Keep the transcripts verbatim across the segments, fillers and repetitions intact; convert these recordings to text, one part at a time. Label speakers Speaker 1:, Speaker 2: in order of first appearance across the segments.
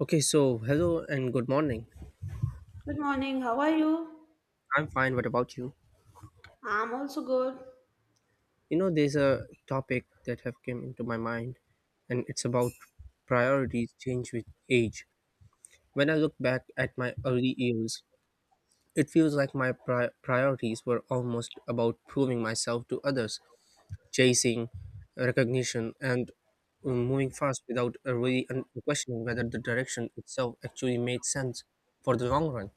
Speaker 1: Okay, so hello and good morning.
Speaker 2: Good morning, how are you?
Speaker 1: I'm fine. What about you?
Speaker 2: I'm also good.
Speaker 1: You know, there's a topic that have came into my mind, and it's about priorities change with age. When I look back at my early years, it feels like my pri- priorities were almost about proving myself to others, chasing recognition, and uh, moving fast without uh, really un- questioning whether the direction itself actually made sense for the long run.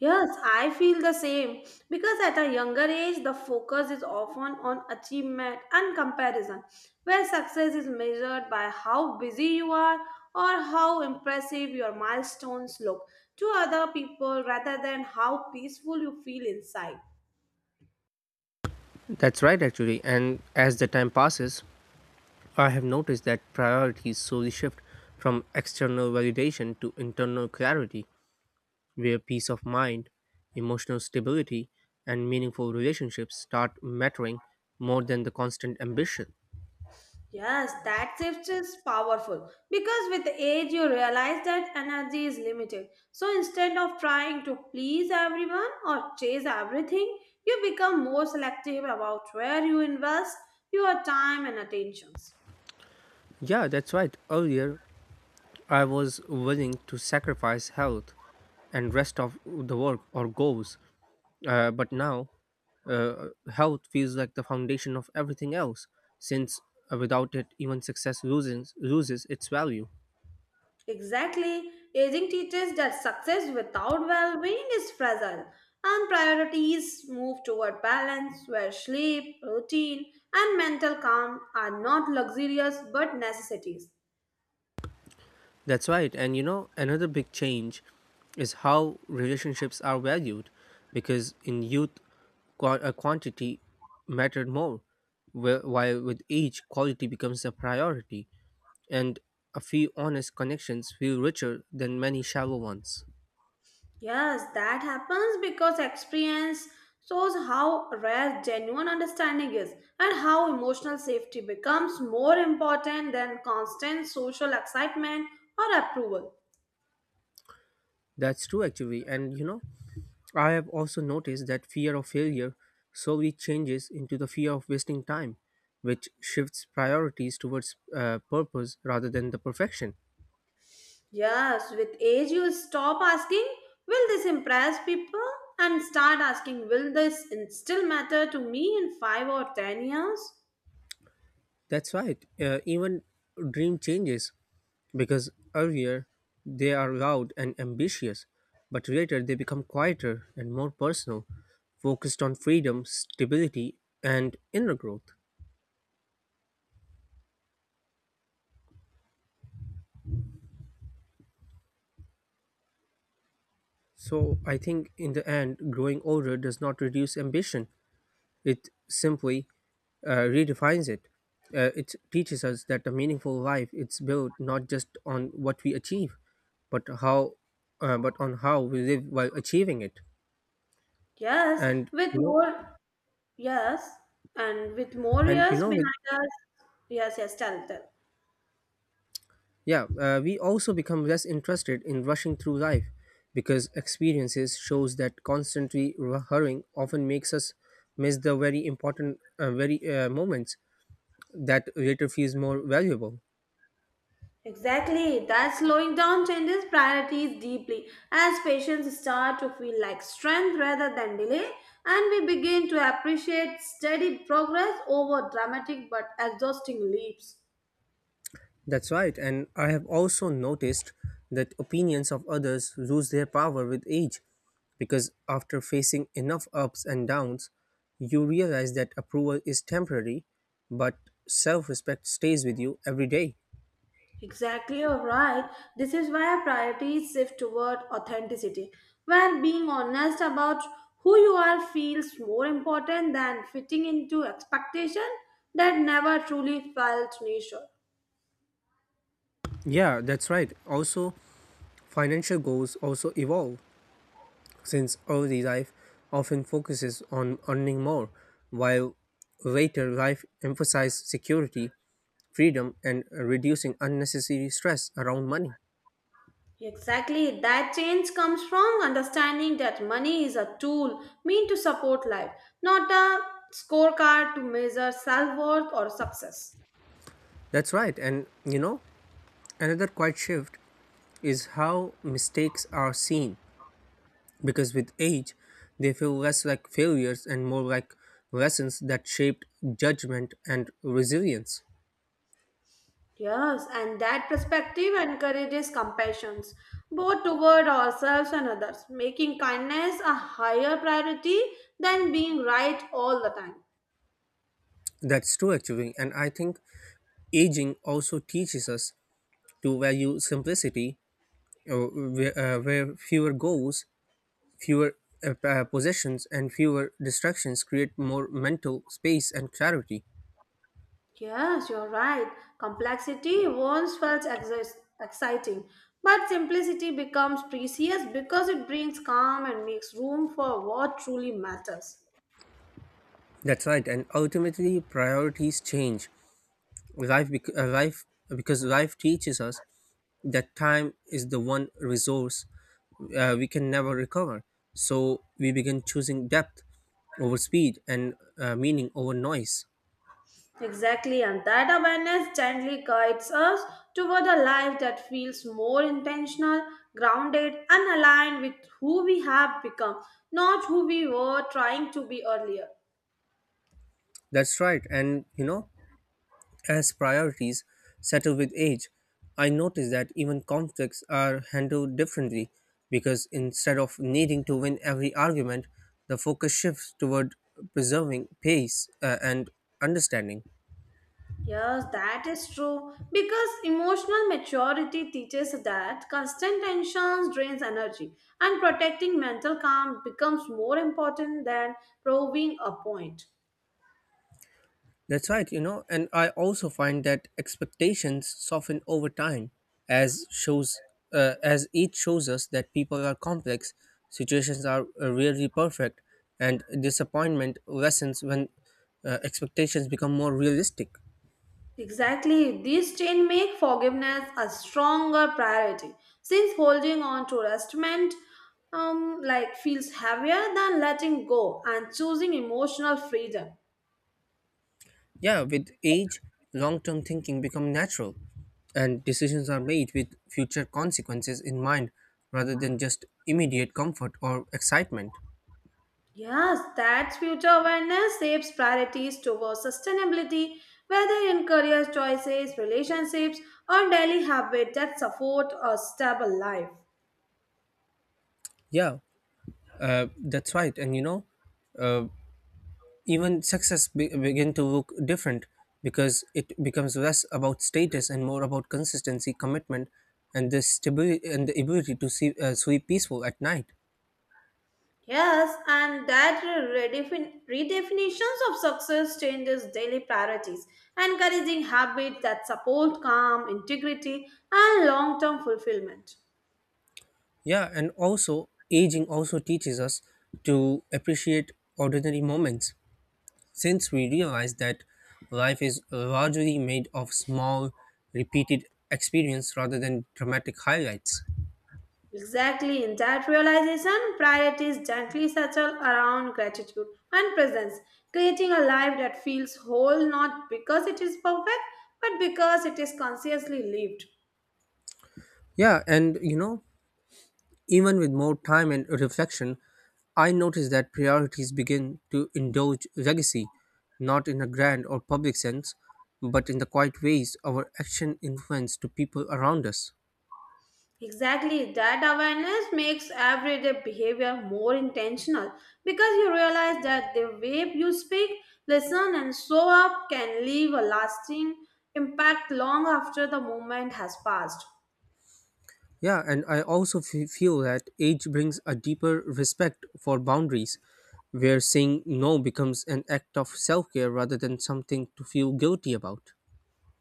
Speaker 2: Yes, I feel the same because at a younger age, the focus is often on achievement and comparison, where success is measured by how busy you are or how impressive your milestones look to other people rather than how peaceful you feel inside.
Speaker 1: That's right, actually. And as the time passes, I have noticed that priorities slowly shift from external validation to internal clarity, where peace of mind, emotional stability, and meaningful relationships start mattering more than the constant ambition.
Speaker 2: Yes, that shift is powerful because with age you realize that energy is limited. So instead of trying to please everyone or chase everything, you become more selective about where you invest your time and attentions.
Speaker 1: Yeah, that's right. Earlier, I was willing to sacrifice health and rest of the work or goals, uh, but now uh, health feels like the foundation of everything else, since uh, without it, even success loses, loses its value.
Speaker 2: Exactly, aging teaches that success without well being is fragile and priorities move toward balance where sleep, routine, and mental calm are not luxurious but necessities.
Speaker 1: That's right. And you know, another big change is how relationships are valued, because in youth, qua- uh, quantity mattered more, wh- while with age, quality becomes a priority, and a few honest connections feel richer than many shallow ones.
Speaker 2: Yes, that happens because experience shows how rare genuine understanding is and how emotional safety becomes more important than constant social excitement or approval.
Speaker 1: That's true, actually. And you know, I have also noticed that fear of failure slowly changes into the fear of wasting time, which shifts priorities towards uh, purpose rather than the perfection.
Speaker 2: Yes, with age, you stop asking, Will this impress people? And start asking, Will this in- still matter to me in five or ten years?
Speaker 1: That's right. Uh, even dream changes because earlier they are loud and ambitious, but later they become quieter and more personal, focused on freedom, stability, and inner growth. So I think in the end, growing older does not reduce ambition. It simply uh, redefines it. Uh, it teaches us that a meaningful life is built not just on what we achieve, but how, uh, but on how we live while achieving it.
Speaker 2: Yes,
Speaker 1: And
Speaker 2: with
Speaker 1: you
Speaker 2: more,
Speaker 1: know,
Speaker 2: yes, and with more
Speaker 1: and you
Speaker 2: years
Speaker 1: know, with
Speaker 2: behind us. Yes, yes, tell, tell.
Speaker 1: yeah, uh, We also become less interested in rushing through life because experiences shows that constantly hurrying often makes us miss the very important, uh, very uh, moments that later feels more valuable.
Speaker 2: Exactly, that slowing down changes priorities deeply as patients start to feel like strength rather than delay, and we begin to appreciate steady progress over dramatic but exhausting leaps.
Speaker 1: That's right, and I have also noticed that opinions of others lose their power with age because after facing enough ups and downs, you realize that approval is temporary, but self respect stays with you every day.
Speaker 2: Exactly, you're right. This is why priorities shift toward authenticity, where being honest about who you are feels more important than fitting into expectation that never truly felt nature.
Speaker 1: Yeah, that's right. Also, financial goals also evolve since early life often focuses on earning more, while later life emphasizes security, freedom, and reducing unnecessary stress around money.
Speaker 2: Exactly. That change comes from understanding that money is a tool meant to support life, not a scorecard to measure self worth or success.
Speaker 1: That's right. And you know, another quiet shift is how mistakes are seen because with age, they feel less like failures and more like lessons that shaped judgment and resilience.
Speaker 2: Yes, and that perspective encourages compassion, both toward ourselves and others, making kindness a higher priority than being right all the time.
Speaker 1: That's true, actually. And I think aging also teaches us to value simplicity, uh, where, uh, where fewer goals, fewer uh, uh, possessions, and fewer distractions create more mental space and clarity.
Speaker 2: Yes, you're right. Complexity once felt exis- exciting, but simplicity becomes precious because it brings calm and makes room for what truly matters.
Speaker 1: That's right, and ultimately priorities change. Life, bec- uh, life, because life teaches us that time is the one resource uh, we can never recover. So we begin choosing depth over speed and uh, meaning over noise.
Speaker 2: Exactly, and that awareness gently guides us toward a life that feels more intentional, grounded, and aligned with who we have become, not who we were trying to be earlier.
Speaker 1: That's right. And you know, as priorities settle with age, I notice that even conflicts are handled differently because instead of needing to win every argument, the focus shifts toward preserving pace uh, and understanding.
Speaker 2: Yes, that is true. Because emotional maturity teaches that constant tensions drains energy, and protecting mental calm becomes more important than proving a point.
Speaker 1: That's right, you know, and I also find that expectations soften over time as shows uh, as each shows us that people are complex, situations are uh, rarely perfect, and disappointment lessens when uh, expectations become more realistic.
Speaker 2: Exactly, these change make forgiveness a stronger priority, since holding on to resentment, um, like feels heavier than letting go and choosing emotional freedom.
Speaker 1: Yeah, with age, long-term thinking become natural and decisions are made with future consequences in mind rather than just immediate comfort or excitement.
Speaker 2: Yes, that future awareness shapes priorities towards sustainability, whether in career choices, relationships, or daily habits that support a stable life.
Speaker 1: yeah uh, that's right, and you know, uh, even success be- begin to look different because it becomes less about status and more about consistency, commitment, and the stability and the ability to see, uh, sleep peaceful at night.
Speaker 2: Yes, and that redefin- redefinitions of success changes daily priorities, encouraging habits that support calm, integrity, and long-term fulfillment.
Speaker 1: Yeah, and also aging also teaches us to appreciate ordinary moments since we realize that life is largely made of small, repeated experience rather than dramatic highlights.
Speaker 2: Exactly, in that realization, priorities gently settle around gratitude and presence, creating a life that feels whole not because it is perfect, but because it is consciously lived.
Speaker 1: Yeah, and you know, even with more time and reflection, I notice that priorities begin to indulge legacy, not in a grand or public sense, but in the quiet ways our action influence to people around us.
Speaker 2: Exactly, that awareness makes everyday behavior more intentional because you realize that the way you speak, listen, and show up can leave a lasting impact long after the moment has passed.
Speaker 1: Yeah, and I also f- feel that age brings a deeper respect for boundaries, where saying no becomes an act of self care rather than something to feel guilty about.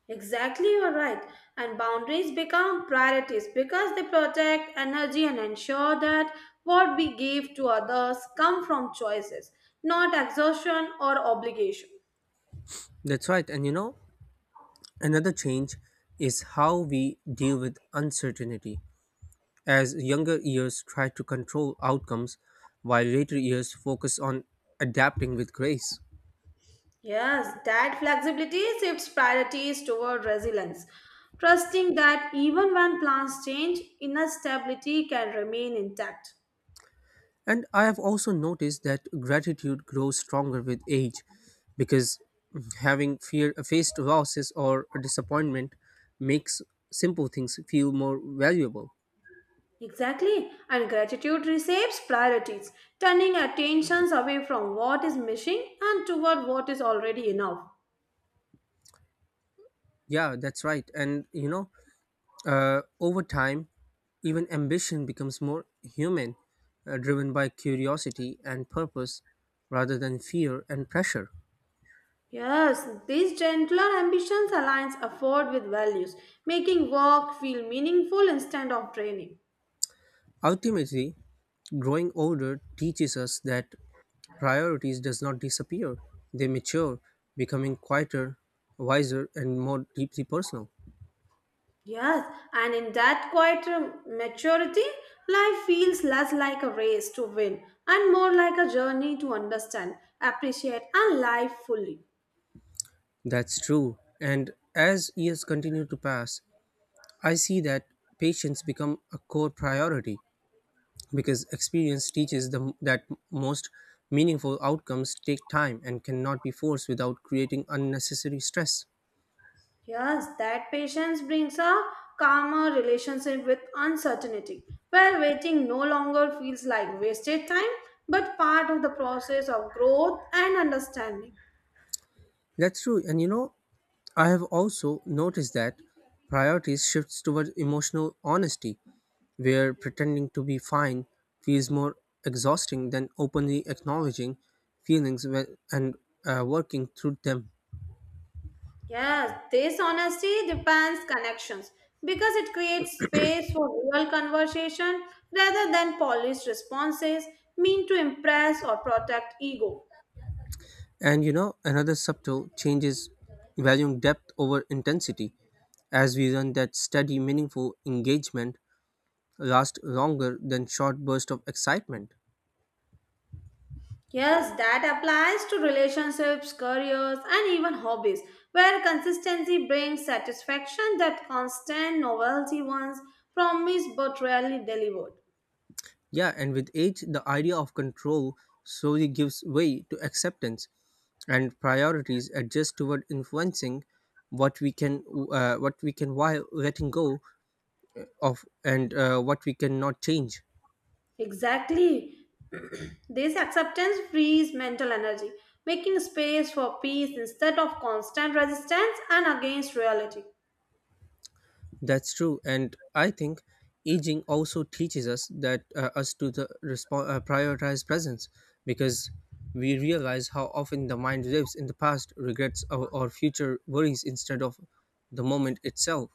Speaker 2: Exactly, you're right. And boundaries become priorities because they protect energy and ensure that what we give to others come from choices, not exhaustion or obligation.
Speaker 1: That's right, and you know, another change is how we deal with uncertainty, as younger years try to control outcomes while later years focus on adapting with grace.
Speaker 2: Yes, that flexibility shifts priorities toward resilience, trusting that even when plans change, inner stability can remain intact.
Speaker 1: And I have also noticed that gratitude grows stronger with age because having fear faced losses or disappointment makes simple things feel more valuable.
Speaker 2: Exactly, and gratitude reshapes priorities, turning attentions away from what is missing and toward what is already enough.
Speaker 1: Yeah, that's right. And you know, uh, over time, even ambition becomes more human, uh, driven by curiosity and purpose rather than fear and pressure.
Speaker 2: Yes, these gentler ambitions aligns effort with values, making work feel meaningful instead of draining.
Speaker 1: Ultimately, growing older teaches us that priorities does not disappear. They mature, becoming quieter, wiser and more deeply personal.
Speaker 2: Yes, and in that quieter maturity, life feels less like a race to win and more like a journey to understand, appreciate, and live fully.
Speaker 1: That's true. And as years continue to pass, I see that patience become a core priority because experience teaches them that most meaningful outcomes take time and cannot be forced without creating unnecessary stress.
Speaker 2: Yes, that patience brings a calmer relationship with uncertainty, where waiting no longer feels like wasted time but part of the process of growth and understanding.
Speaker 1: That's true. And you know, I have also noticed that priorities shifts towards emotional honesty, where pretending to be fine feels more exhausting than openly acknowledging feelings when, and uh, working through them.
Speaker 2: Yes, this honesty depends connections because it creates space for real conversation rather than polished responses mean to impress or protect ego.
Speaker 1: And you know, another subtle change is valuing depth over intensity, as we learn that steady, meaningful engagement lasts longer than short bursts of excitement.
Speaker 2: Yes, that applies to relationships, careers, and even hobbies, where consistency brings satisfaction that constant novelty ones promise but rarely delivered.
Speaker 1: Yeah, and with age, the idea of control slowly gives way to acceptance, and priorities adjust toward influencing what we can, uh, what we can while letting go of, and uh, what we cannot change.
Speaker 2: Exactly. This acceptance frees mental energy, making space for peace instead of constant resistance and against reality.
Speaker 1: That's true, and I think aging also teaches us that uh, us to the respo- uh, prioritize presence because we realize how often the mind lives in the past, regrets, or, or future worries instead of the moment itself.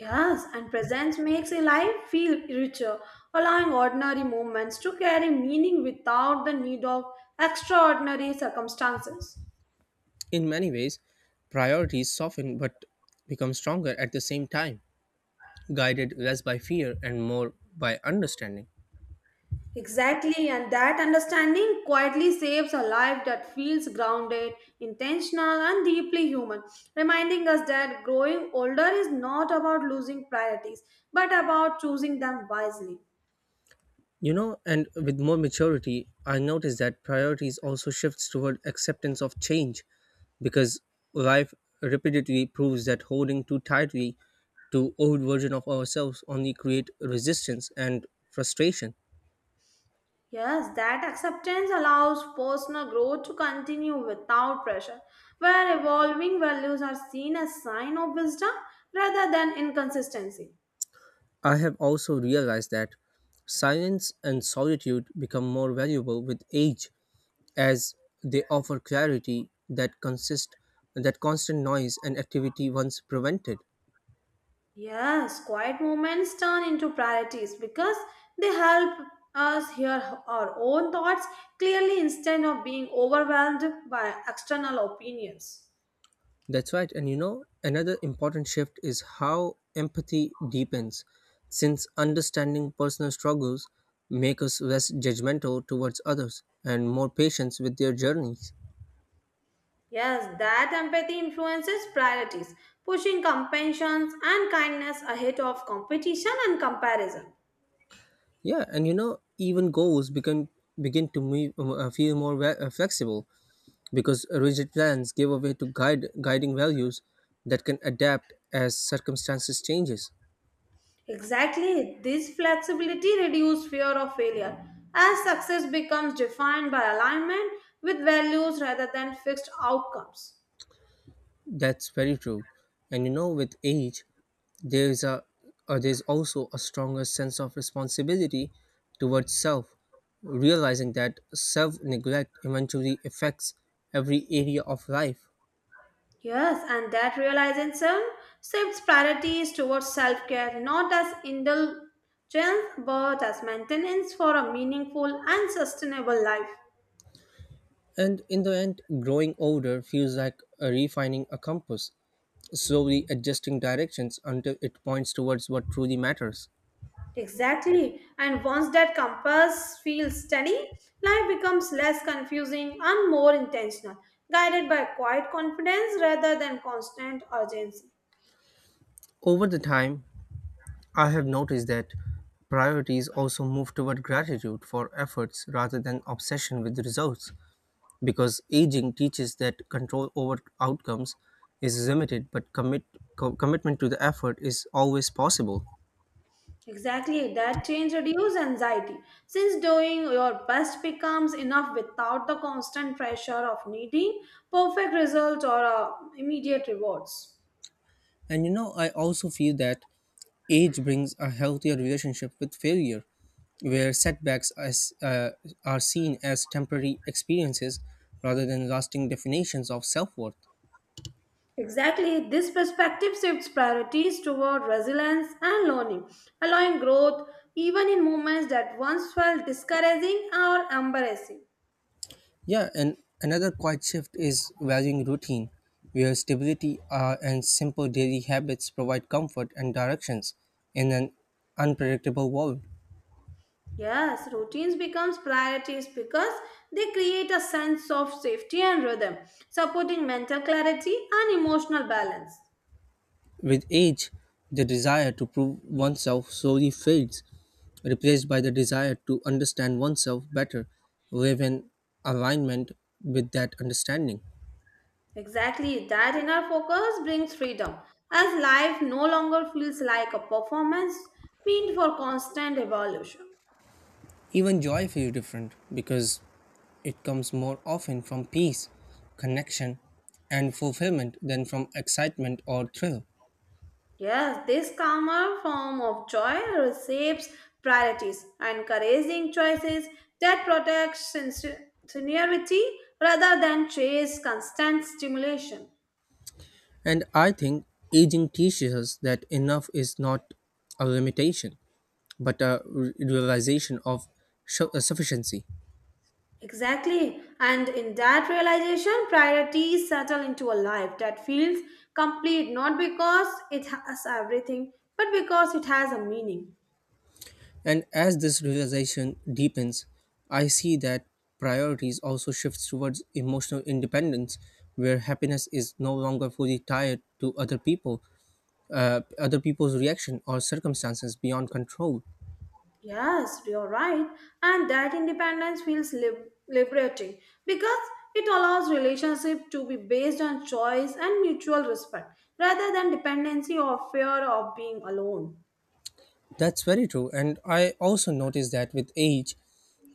Speaker 2: Yes, and presence makes a life feel richer, allowing ordinary moments to carry meaning without the need of extraordinary circumstances.
Speaker 1: In many ways, priorities soften but become stronger at the same time, guided less by fear and more by understanding.
Speaker 2: Exactly, and that understanding quietly saves a life that feels grounded, intentional, and deeply human, reminding us that growing older is not about losing priorities, but about choosing them wisely.
Speaker 1: You know, and with more maturity, I notice that priorities also shifts toward acceptance of change because life repeatedly proves that holding too tightly to old version of ourselves only create resistance and frustration.
Speaker 2: Yes, that acceptance allows personal growth to continue without pressure, where evolving values are seen as sign of wisdom rather than inconsistency.
Speaker 1: I have also realized that silence and solitude become more valuable with age as they offer clarity that consist that constant noise and activity once prevented.
Speaker 2: Yes, quiet moments turn into priorities because they help us hear our own thoughts clearly instead of being overwhelmed by external opinions.
Speaker 1: That's right. And you know, another important shift is how empathy deepens, since understanding personal struggles make us less judgmental towards others and more patient with their journeys.
Speaker 2: Yes, that empathy influences priorities, pushing compassion and kindness ahead of competition and comparison.
Speaker 1: Yeah, and you know, even goals become begin to move, uh, feel more ve- uh, flexible because rigid plans give away to guide guiding values that can adapt as circumstances changes.
Speaker 2: Exactly, this flexibility reduces fear of failure as success becomes defined by alignment with values rather than fixed outcomes.
Speaker 1: That's very true, and you know, with age, there's a uh, there's also a stronger sense of responsibility towards self, realizing that self neglect eventually affects every area of life.
Speaker 2: Yes, and that realization shifts priorities towards self care, not as indulgence but as maintenance for a meaningful and sustainable life.
Speaker 1: And in the end, growing older feels like a refining a compass, slowly adjusting directions until it points towards what truly matters.
Speaker 2: Exactly, and once that compass feels steady, life becomes less confusing and more intentional, guided by quiet confidence rather than constant urgency.
Speaker 1: Over the time, I have noticed that priorities also move toward gratitude for efforts rather than obsession with results because aging teaches that control over outcomes is limited but commit co- commitment to the effort is always possible.
Speaker 2: Exactly, that change reduces anxiety since doing your best becomes enough without the constant pressure of needing perfect results or uh, immediate rewards.
Speaker 1: And you know, I also feel that age brings a healthier relationship with failure where setbacks as, uh, are seen as temporary experiences rather than lasting definitions of self worth.
Speaker 2: Exactly, this perspective shifts priorities toward resilience and learning, allowing growth even in moments that once felt discouraging or embarrassing.
Speaker 1: Yeah, and another quiet shift is valuing routine, where stability uh, and simple daily habits provide comfort and directions in an unpredictable world.
Speaker 2: Yes, routines becomes priorities because they create a sense of safety and rhythm, supporting mental clarity and emotional balance.
Speaker 1: With age, the desire to prove oneself slowly fades, replaced by the desire to understand oneself better, live in alignment with that understanding.
Speaker 2: Exactly, that inner focus brings freedom, as life no longer feels like a performance meant for constant evolution.
Speaker 1: Even joy feels different because it comes more often from peace, connection, and fulfillment than from excitement or thrill.
Speaker 2: Yes, this calmer form of joy reshapes priorities, encouraging choices that protect sincerity rather than chase constant stimulation.
Speaker 1: And I think aging teaches us that enough is not a limitation, but a re- realization of su- uh, sufficiency.
Speaker 2: Exactly. And in that realization, priorities settle into a life that feels complete not because it has everything, but because it has a meaning.
Speaker 1: And as this realization deepens, I see that priorities also shifts towards emotional independence, where happiness is no longer fully tied to other people, uh, other people's reaction or circumstances beyond control.
Speaker 2: Yes, you're right. And that independence feels lib- liberating because it allows relationship to be based on choice and mutual respect rather than dependency or fear of being alone.
Speaker 1: That's very true. And I also noticed that with age,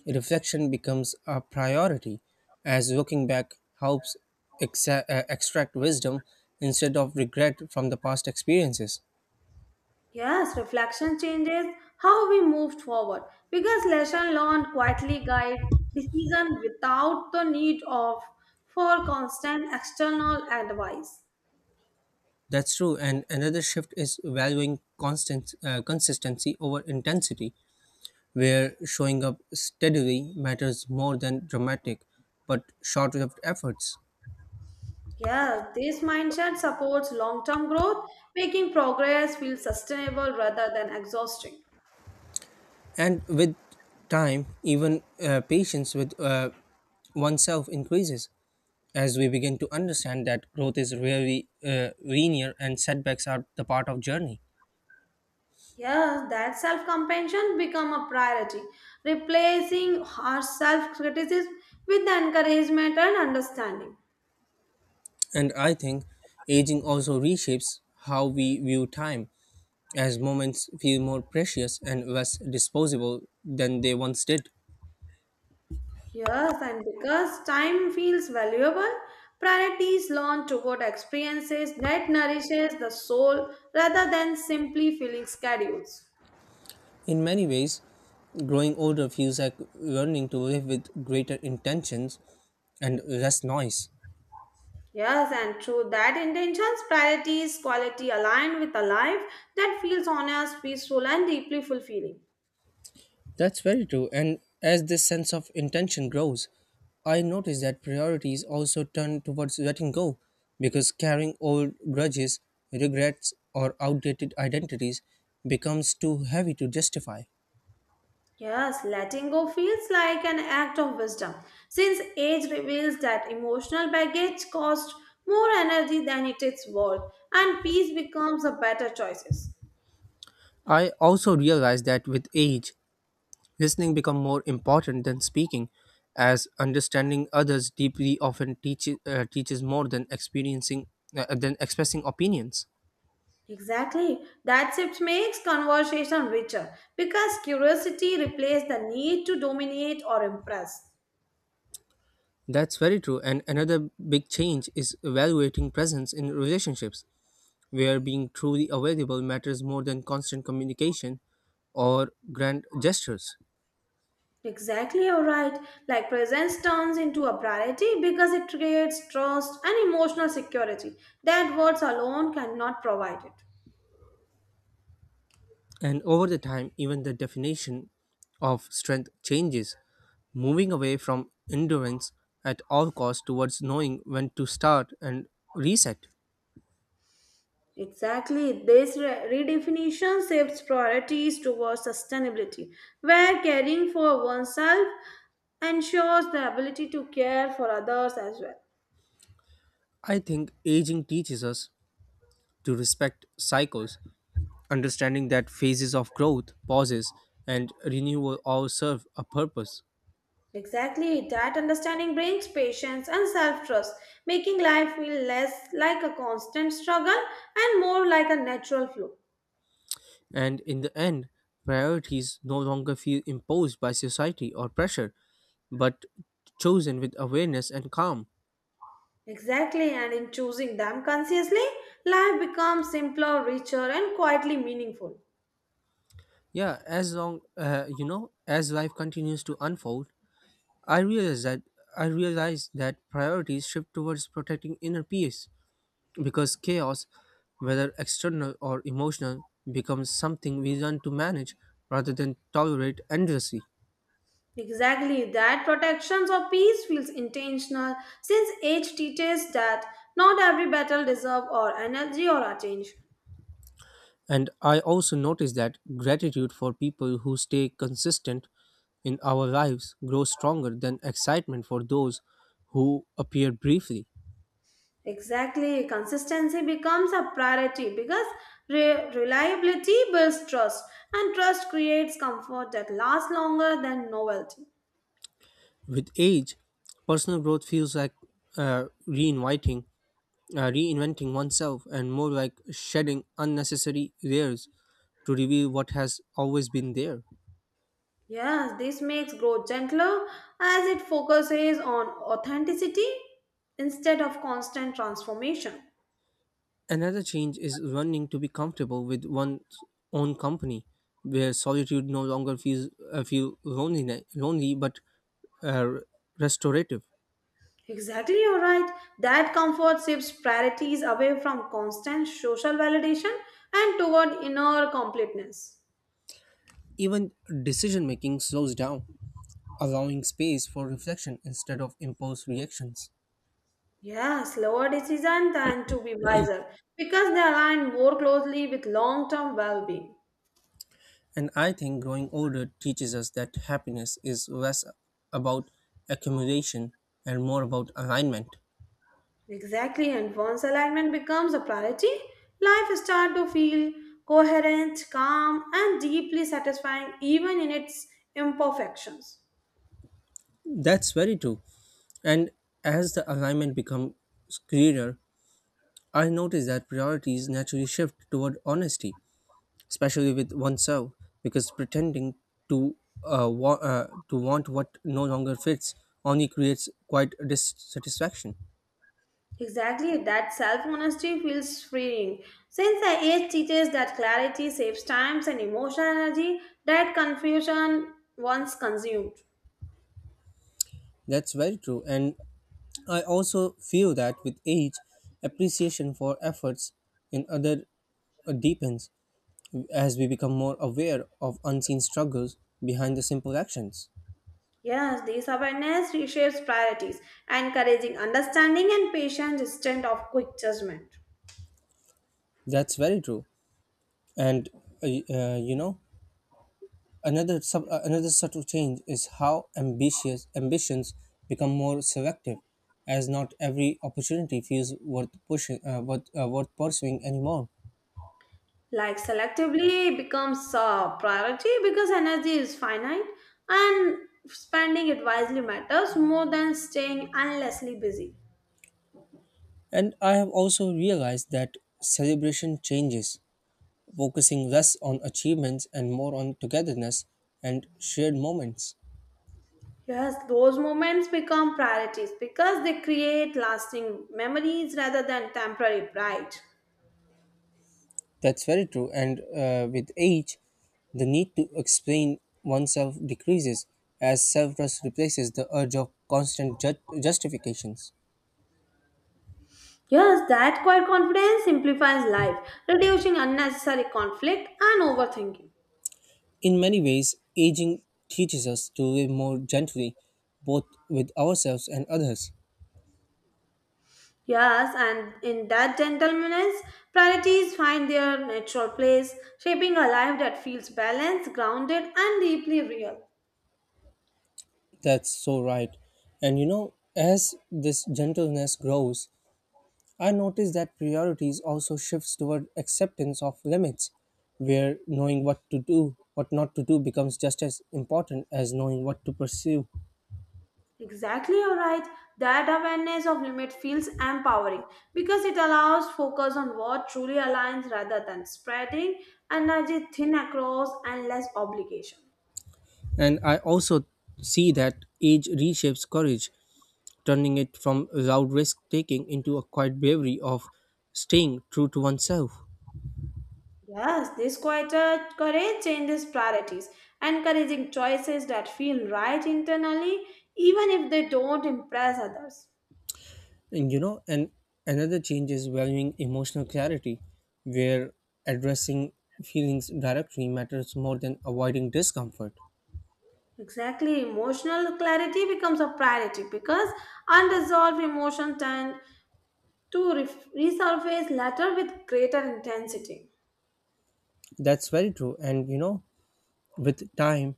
Speaker 1: reflection becomes a priority, as looking back helps exa- uh, extract wisdom instead of regret from the past experiences.
Speaker 2: Yes, reflection changes how we moved forward because lesson learned quietly guide decision without the need of for constant external advice.
Speaker 1: That's true. And another shift is valuing constant uh, consistency over intensity, where showing up steadily matters more than dramatic but short-lived efforts.
Speaker 2: Yes, this mindset supports long-term growth, making progress feel sustainable rather than exhausting.
Speaker 1: And with time, even uh, patience with uh, oneself increases, as we begin to understand that growth is rarely uh, linear and setbacks are the part of journey.
Speaker 2: Yes, that self-compassion become a priority, replacing our self-criticism with encouragement and understanding.
Speaker 1: And I think aging also reshapes how we view time as moments feel more precious and less disposable than they once did.
Speaker 2: Yes, and because time feels valuable, priority is learned toward experiences that nourishes the soul rather than simply filling schedules.
Speaker 1: In many ways, growing older feels like learning to live with greater intentions and less noise.
Speaker 2: Yes, and through that intentions, priorities, quality aligned with a life that feels honest, peaceful, and deeply fulfilling.
Speaker 1: That's very true. And as this sense of intention grows, I notice that priorities also turn towards letting go because carrying old grudges, regrets, or outdated identities becomes too heavy to justify.
Speaker 2: Yes, letting go feels like an act of wisdom, since age reveals that emotional baggage costs more energy than it is worth, and peace becomes a better choices.
Speaker 1: I also realize that with age, listening becomes more important than speaking, as understanding others deeply often teaches uh, teaches more than experiencing uh, than expressing opinions.
Speaker 2: Exactly. That shift makes conversation richer because curiosity replaces the need to dominate or impress.
Speaker 1: That's very true. And another big change is evaluating presence in relationships, where being truly available matters more than constant communication or grand gestures.
Speaker 2: Exactly, you're right. Like presence turns into a priority because it creates trust and emotional security that words alone cannot provide it.
Speaker 1: And over the time, even the definition of strength changes, moving away from endurance at all costs towards knowing when to start and reset.
Speaker 2: Exactly. This re- redefinition shifts priorities towards sustainability, where caring for oneself ensures the ability to care for others as well.
Speaker 1: I think aging teaches us to respect cycles understanding that phases of growth, pauses, and renewal all serve a purpose.
Speaker 2: Exactly, that understanding brings patience and self trust, making life feel less like a constant struggle and more like a natural flow.
Speaker 1: And in the end, priorities no longer feel imposed by society or pressure, but chosen with awareness and calm.
Speaker 2: Exactly, and in choosing them consciously, life becomes simpler, richer, and quietly meaningful.
Speaker 1: Yeah, as long uh, you know, as life continues to unfold, I realize that I realize that priorities shift towards protecting inner peace because chaos, whether external or emotional, becomes something we learn to manage rather than tolerate endlessly.
Speaker 2: Exactly, that protections or peace feels intentional since age teaches that not every battle deserves our energy or attention.
Speaker 1: And I also notice that gratitude for people who stay consistent in our lives grows stronger than excitement for those who appear briefly.
Speaker 2: Exactly. Consistency becomes a priority because re- reliability builds trust, and trust creates comfort that lasts longer than novelty.
Speaker 1: With age, personal growth feels like uh, reinviting, uh, reinventing oneself, and more like shedding unnecessary layers to reveal what has always been there.
Speaker 2: Yes, this makes growth gentler as it focuses on authenticity instead of constant transformation.
Speaker 1: Another change is learning to be comfortable with one's own company, where solitude no longer feels uh, feel lonely, lonely but uh, restorative.
Speaker 2: Exactly, you're right. That comfort shifts priorities away from constant social validation and toward inner completeness.
Speaker 1: Even decision making slows down, allowing space for reflection instead of impulse reactions.
Speaker 2: Yeah, slower decision than to be wiser because they align more closely with long term well being.
Speaker 1: And I think growing older teaches us that happiness is less about accumulation and more about alignment.
Speaker 2: Exactly, and once alignment becomes a priority, life starts to feel coherent, calm, and deeply satisfying even in its imperfections.
Speaker 1: That's very true. And as the alignment becomes clearer, I noticed that priorities naturally shift toward honesty, especially with oneself, because pretending to uh, wa- uh, to want what no longer fits only creates quite dissatisfaction.
Speaker 2: Exactly, that self honesty feels freeing since the age teaches that clarity saves time and emotional energy that confusion once consumed.
Speaker 1: That's very true, and I also feel that with age, appreciation for efforts in other uh, deepens as we become more aware of unseen struggles behind the simple actions.
Speaker 2: Yes, this awareness reshapes priorities, encouraging understanding and patience instead of quick judgment.
Speaker 1: That's very true, and uh, y- uh, you know Another, sub, uh, another subtle change is how ambitious ambitions become more selective, as not every opportunity feels worth pushing, uh, worth, uh, worth pursuing anymore.
Speaker 2: Like selectively becomes a priority because energy is finite and spending it wisely matters more than staying endlessly busy.
Speaker 1: And I have also realized that celebration changes, focusing less on achievements and more on togetherness and shared moments.
Speaker 2: Yes, those moments become priorities because they create lasting memories rather than temporary pride.
Speaker 1: That's very true. And uh, with age, the need to explain oneself decreases as self trust replaces the urge of constant ju- justifications.
Speaker 2: Yes, that quiet confidence simplifies life, reducing unnecessary conflict and overthinking.
Speaker 1: In many ways, aging teaches us to live more gently, both with ourselves and others.
Speaker 2: Yes, and in that gentleness, priorities find their natural place, shaping a life that feels balanced, grounded, and deeply real.
Speaker 1: That's so right. And you know, as this gentleness grows, I notice that priorities also shifts toward acceptance of limits, where knowing what to do, what not to do becomes just as important as knowing what to pursue.
Speaker 2: Exactly, you're right. That awareness of limit feels empowering because it allows focus on what truly aligns rather than spreading energy thin across endless obligation.
Speaker 1: And I also see that age reshapes courage turning it from loud risk taking into a quiet bravery of staying true to oneself.
Speaker 2: Yes, this quieter courage changes priorities, encouraging choices that feel right internally, even if they don't impress others.
Speaker 1: And you know, and another change is valuing emotional clarity, where addressing feelings directly matters more than avoiding discomfort.
Speaker 2: Exactly. Emotional clarity becomes a priority because unresolved emotions tend to re- resurface later with greater intensity.
Speaker 1: That's very true. And you know, with time,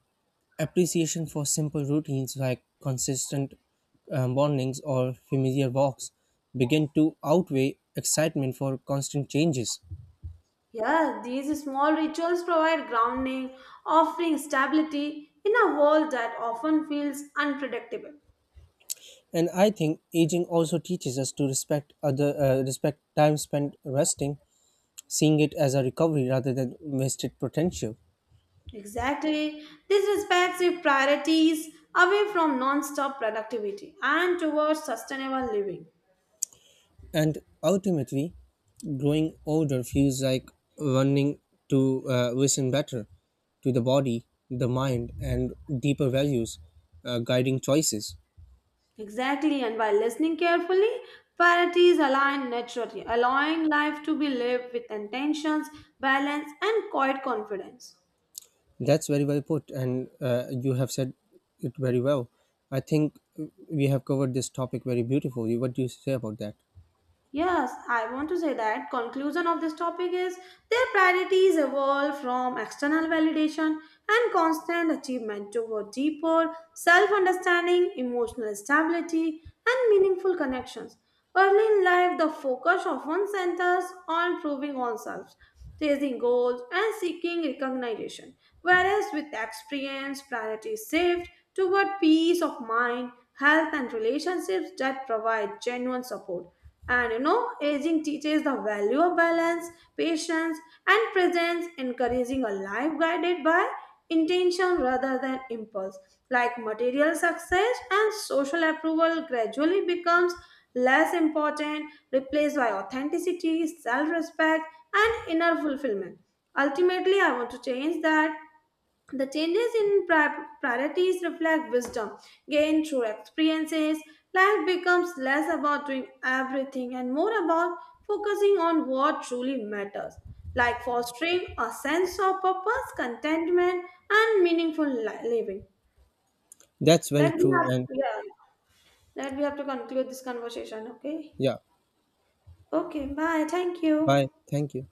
Speaker 1: appreciation for simple routines like consistent uh, mornings or familiar walks begin to outweigh excitement for constant changes.
Speaker 2: Yeah, these small rituals provide grounding, offering stability in a world that often feels unpredictable.
Speaker 1: And I think aging also teaches us to respect other uh, respect time spent resting, seeing it as a recovery rather than wasted potential.
Speaker 2: Exactly. This respects your priorities away from non stop productivity and towards sustainable living.
Speaker 1: And ultimately, growing older feels like running to uh, listen better to the body, the mind, and deeper values, uh, guiding choices.
Speaker 2: Exactly, and by listening carefully, parties align naturally, allowing life to be lived with intentions, balance, and quiet confidence.
Speaker 1: That's very well put, and uh, you have said it very well. I think we have covered this topic very beautifully. What do you say about that?
Speaker 2: Yes, I want to say that conclusion of this topic is their priorities evolve from external validation and constant achievement toward deeper self-understanding, emotional stability, and meaningful connections. Early in life, the focus often centers on proving oneself, chasing goals, and seeking recognition, whereas with experience, priorities shift toward peace of mind, health, and relationships that provide genuine support and you know, aging teaches the value of balance, patience, and presence, encouraging a life guided by intention rather than impulse. Like material success and social approval gradually becomes less important, replaced by authenticity, self respect, and inner fulfillment. Ultimately, I want to change that the changes in pri- priorities reflect wisdom gained through experiences. Life becomes less about doing everything and more about focusing on what truly matters, like fostering a sense of purpose, contentment, and meaningful li- living.
Speaker 1: That's very
Speaker 2: Let me
Speaker 1: true,
Speaker 2: have,
Speaker 1: and
Speaker 2: yeah, let me have to conclude this conversation. Okay.
Speaker 1: yeah.
Speaker 2: Okay. Bye. Thank
Speaker 1: Bye.
Speaker 2: you.
Speaker 1: Thank you.